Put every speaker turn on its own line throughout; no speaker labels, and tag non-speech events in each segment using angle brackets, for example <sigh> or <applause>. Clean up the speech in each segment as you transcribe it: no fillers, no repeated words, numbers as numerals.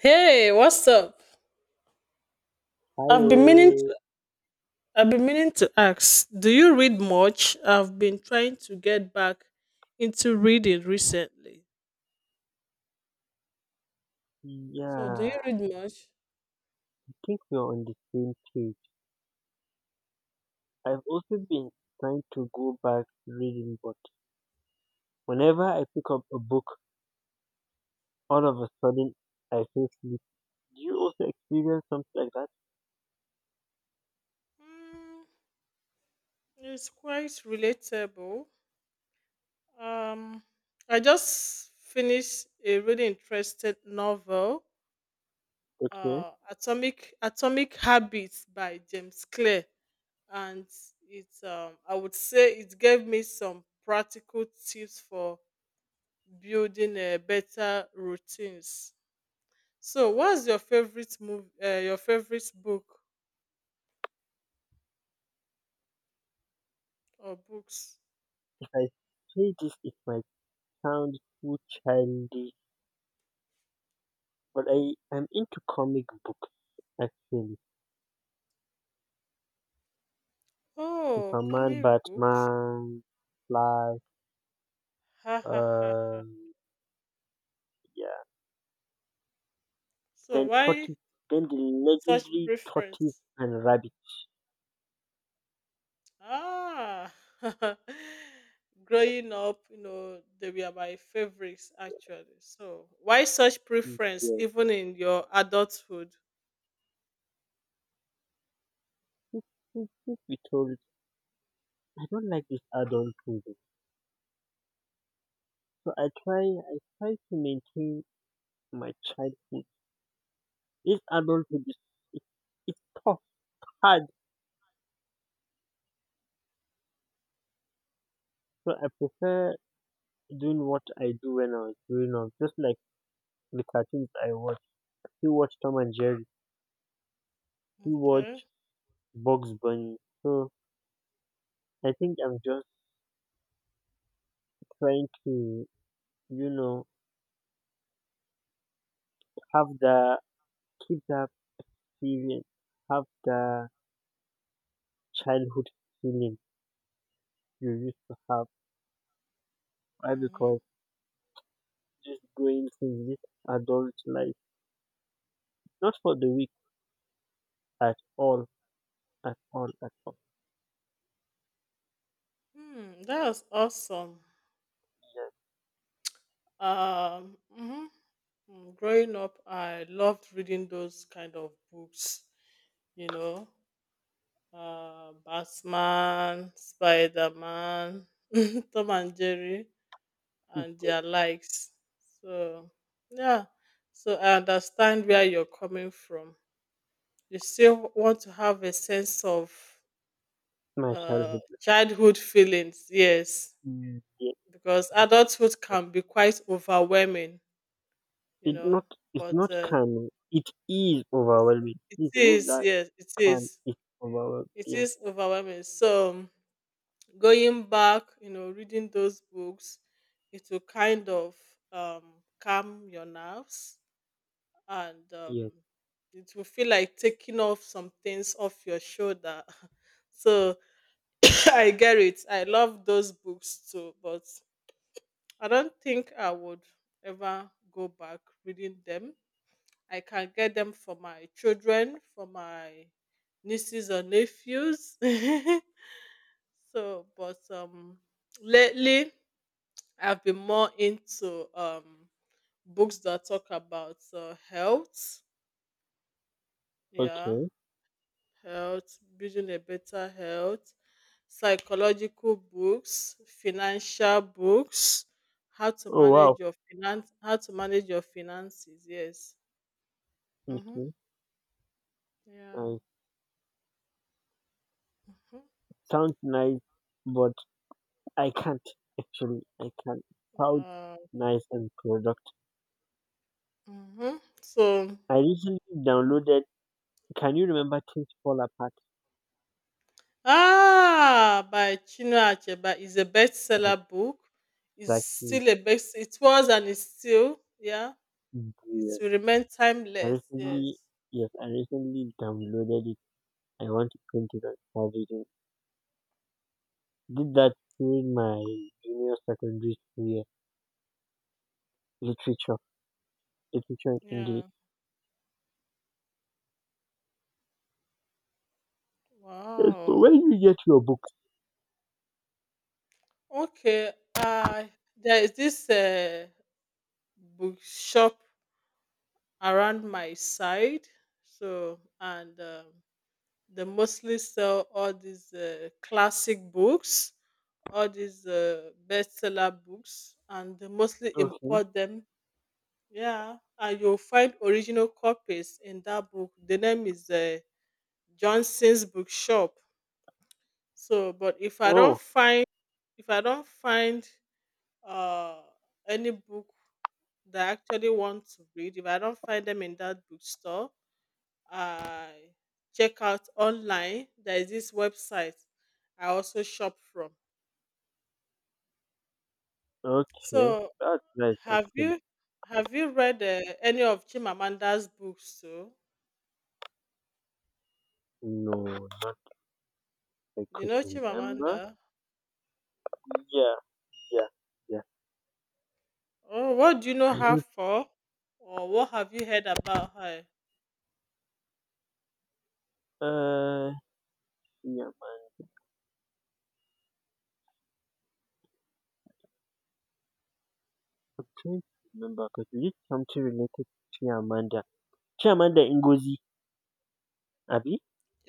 Hey, what's up?
Hi,
I've been meaning
oh,
to I've been meaning to ask, do you read much? I've been trying to get back into reading recently.
yeah,
So, do you
I
read much?
think we're on the same page. I've also been trying to go back to reading, but whenever I pick up a book, all of a sudden I feel sleepy. Do you also experience something like that?
Mm, it's quite relatable. Um, I just finished a really interesting novel,
Okay,
Atomic Atomic Habits by James Clear, and it's I would say it gave me some practical tips for building better routines. So, what's your favorite move? Your favorite book or books?
if I say this, it might sound too childish, but I am into comic books actually.
Oh,
Superman,
comic books.
Batman, Flash,
Ha ha ha ha.
um, yeah.
So,
Then
why
Tortoise, then the
such
legendary Tortoise
preference?
and Rabbit.
Ah, <laughs> growing up, you know, they were my favorites actually. So, why such
Mm,
preference
yes,
even in your adulthood?
since truth be told, I don't like this adult movie. So I try to maintain my childhood. This adulthood is it, it's tough, hard. So I prefer doing what I do when I was growing up, just like the cartoons I watch. You watch Tom and Jerry, you
Okay.
watch Bugs Bunny. So I think I'm just trying to, you know, have the keep that feeling, have the childhood feeling you used to have. Why?
Mm-hmm.
Because just going through this adult life. Not for the weak at all, at all, at all.
Hmm, that was awesome.
Yes,
Mhm. Mm, growing up, I loved reading those kind of books, you know, Batman, Spider Man, <laughs> Tom and Jerry, and
yes.
their likes. So, yeah, so I understand where you're coming from. You still want to have a sense of
My childhood.
childhood feelings, yes,
Mm, yes.
because
Yes.
adulthood can be quite overwhelming, you
It's
know,
not, it's
but
not calming. It is
it's,
overwhelming.
it
Please
is,
remove that
yes,
can. It's overwhelming.
it
Yes,
is overwhelming. So going back, you know, reading those books, it will kind of um, calm your nerves and
yes.
it will feel like taking off some things off your shoulder. <laughs> so <coughs> I get it. I love those books too, but I don't think I would ever go back reading them. I can get them for my children, for my nieces or nephews. <laughs> So, but lately I've been more into books that talk about health. Yeah,
Okay.
health, building a better health, psychological books, financial books,
Oh, wow.
how to manage your finances. Yes. Mm-hmm.
Okay.
Yeah.
I
Mm-hmm.
sound nice, but I can't. Actually, I can't. Sound
Uh,
nice and productive.
mm-hmm. So
I recently downloaded. Can you remember Things Fall Apart?
Ah, by Chinua Achebe is a bestseller book. It's
Exactly.
still a best. It was and it's still. Yeah, it
Yeah.
will remain
I
timeless. Yes.
recently, yes, I recently downloaded it. I want to print it and start reading. Did that during my junior secondary school year, literature, literature and English.
Yeah.
Yes, but
Wow.
where do you get your books,
Okay. There is this bookshop around my side. So and they mostly sell all these classic books, all these bestseller books, and they mostly
okay.
import them. Yeah, and you'll find original copies in that book. The name is Johnson's Bookshop. So, but if I don't
Oh,
find if I don't find uh any book that I actually want to read, if I don't find them in that bookstore, I check out online. There is this website I also shop from.
okay.
So,
That's nice,
have
actually.
you have you read any of Chimamanda's books too?
No, not I
You
could
know
remember.
Chimamanda?
Yeah, yeah, yeah.
Oh, what do you know
I
her
need,
for? Or what have you heard about her?
uh, Chiamanda. I'm trying to remember because we did something related to Chiamanda. Chiamanda Ngozi, Abby?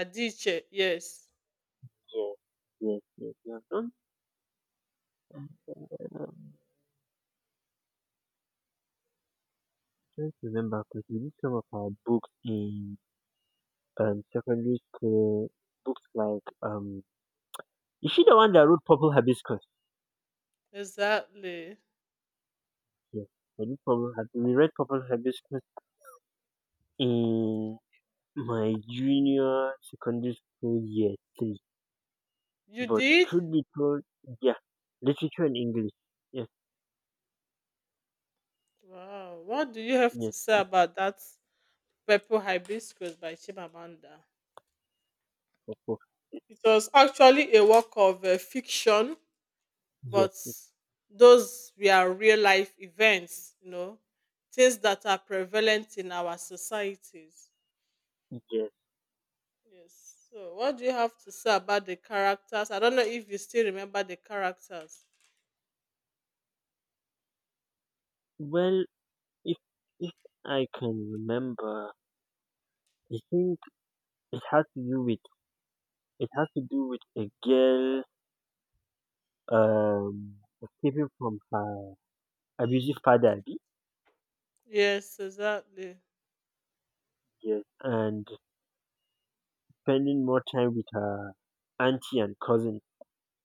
Adiche, yes.
Yes, yes, yes. You have done. Um, trying to remember because we did some of our books in secondary school. Books like is she the one that wrote Purple Hibiscus?
Exactly.
Yeah, I did Purple. Hib- We read Purple Hibiscus in my junior secondary school year three.
You
But
did?
truth be told, yeah, literature and English. Yes,
Wow. What do you have to
yes,
say
of
about that Purple Hibiscus by Chimamanda?
of course.
It was actually a work of fiction,
Yes,
but
yes,
those were real life events, you know, things that are prevalent in our societies.
yes.
Yes. So, what do you have to say about the characters? I don't know if you still remember the characters.
Well, if if I can remember, I think it has to do with it has to do with a girl um, escaping from her abusive father, abi?
Yes, exactly.
Yes, and spending more time with her auntie and cousin,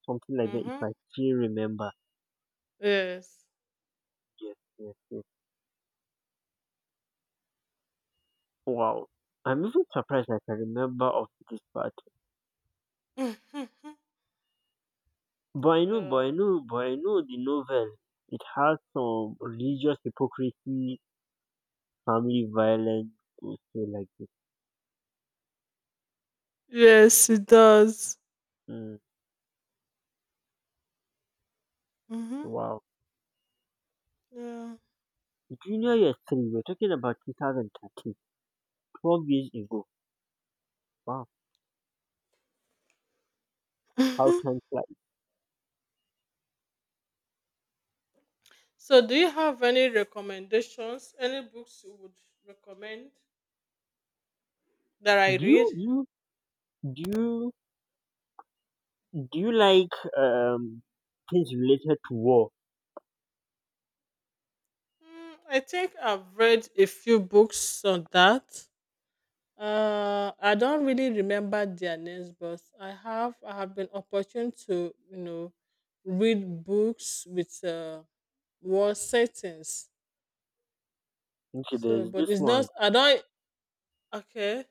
something like that. If
Mhm.
I still remember,
Yes.
yes, yes, yes. Wow, I'm even surprised I can remember of this part.
<laughs> yeah.
But I know the novel. It has some religious hypocrisy, family violence, and stuff like this.
Yes, it does.
Mm,
Mhm.
wow.
Yeah.
Junior year three. We're talking about 2013. 12 years ago. Wow, how
Mhm.
time flies.
So, do you have any recommendations? Any books you would recommend that I
Do you
read?
do you do you, do you like things related to war?
Mm, I think I've read a few books on that. I don't really remember their names, but I have been opportune to, you know, read books with war settings.
Okay,
So,
there's
but
this
it's
one.
not. I don't. Okay.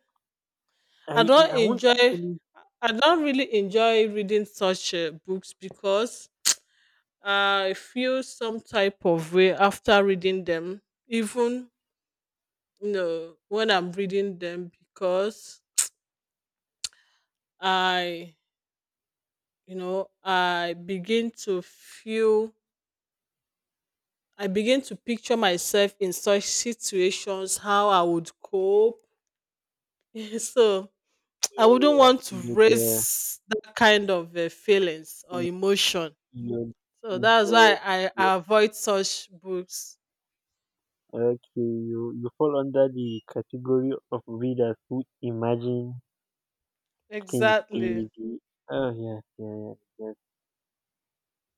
I
I
don't
I won't
enjoy.
actually.
I don't really enjoy reading such books because I feel some type of way after reading them. Even, you know, when I'm reading them because I you know I begin to feel. I begin to picture myself in such situations, how I would cope. <laughs> so I
Yeah,
wouldn't want to
yeah, yeah,
raise that kind of feelings or
yeah,
emotion.
yeah,
So that's
yeah,
why
yeah.
I avoid such books.
Okay, you fall under the category of readers who imagine things
Exactly.
they. Oh yeah, yeah, yeah, yeah.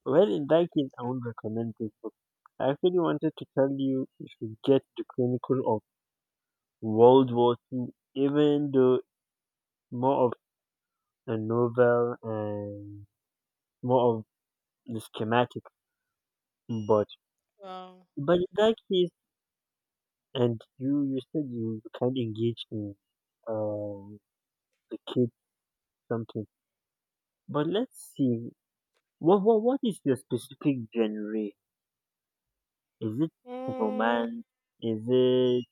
Well, in that case, I won't recommend this book. I actually wanted to tell you you should get the Chronicle World War Two, even though more of a novel and more of the schematic. But
Wow.
but in that case, and you said you can't engage in um the kids something. But let's see, what is your specific genre? Is it
Mm,
romance? Is it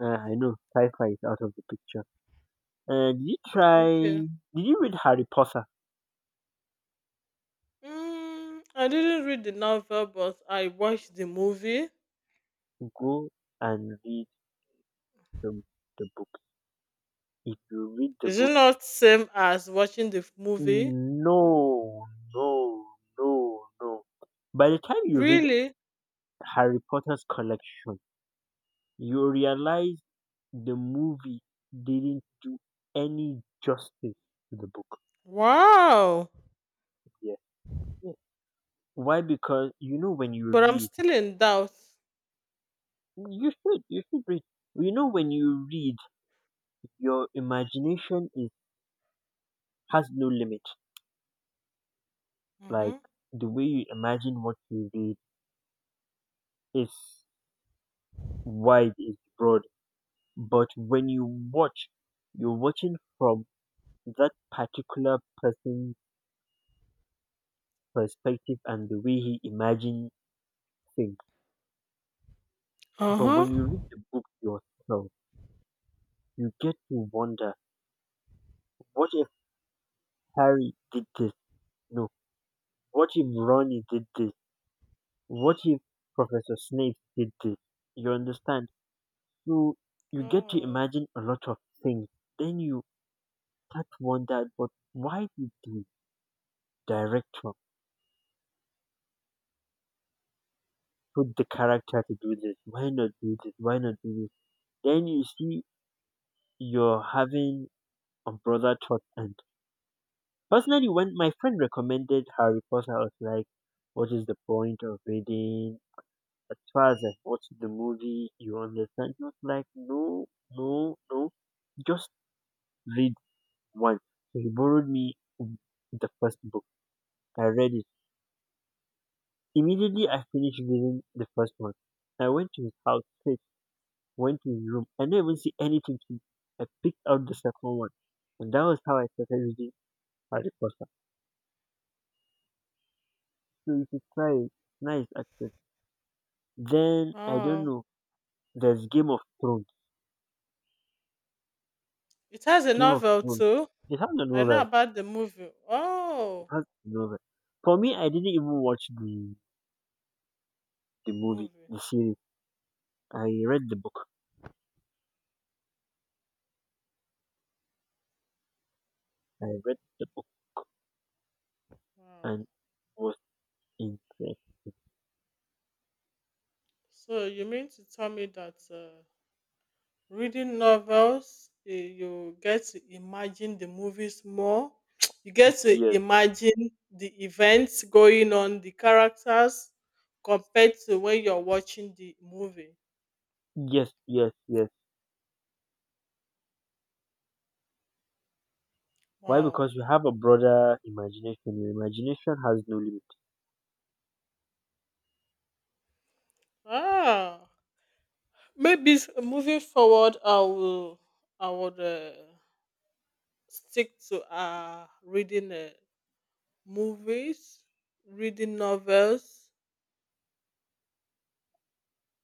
I know sci-fi is out of the picture. Did you try?
okay.
Did you read Harry Potter?
Mm, I didn't read the novel, but I watched the movie.
Go and read the the book. If you read the
Is it
book,
not same as watching the movie?
no, no, no, no. By the time you read
Really?
Harry Potter's collection, you realize the movie didn't do any justice to the book.
Wow.
Yeah, yeah. Why? Because you know when you
But I'm
read,
still in doubt.
you should read. You know when you read, your imagination is has no limit.
Mm-hmm.
Like the way you imagine what you read is is broad. But when you watch, you're watching from that particular person's perspective and the way he imagines things.
Uh
But
huh.
when you read the book yourself, you get to wonder what if Harry did this? No. What if Ronnie did this? What if Professor Snape did this? You understand? So you get to
Oh.
imagine a lot of things. Then you start to wonder, but why did the director put the character to do this? Why not do this? Why not do this? Then you see you're having brother thought and personally when my friend recommended Harry Potter I was like, what is the point of reading as far as I watch the movie, you understand? He was like, no, no, no, just read one. So he borrowed me the first book, I read it, immediately I finished reading the first one, I went to his house sit went to his room, I didn't even see anything to it. I picked out the second one and that was how I started reading Harry Potter. So you should try it. Nice actually. Then I don't
Wow.
know. There's Game of Thrones.
It has a
Game of
novel
Thrones.
too.
It has a
I know
novel.
about the movie.
It
Oh,
has a novel. For me, I didn't even watch the movie,
movie.
the series. I read the book. I read the book
Wow.
and was impressed.
So you mean to tell me that reading novels, eh, you get to imagine the movies more? <tsk> You get to
Yes,
imagine the events going on, the characters, compared to when you're watching the movie.
yes, yes, yes. Why?
Wow.
Because you have a broader imagination. Your imagination has no limit.
Ah, maybe s- moving forward, I will, I would stick to reading Movies, reading novels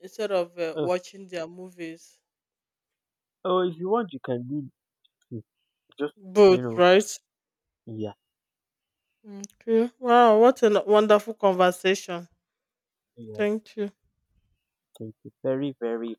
instead of
Oh,
watching their movies.
oh if you want, you can do it. Just you
Both,
know.
right?
Yeah,
Okay. Wow, what a wonderful conversation.
yeah.
Thank you.
Thank you very.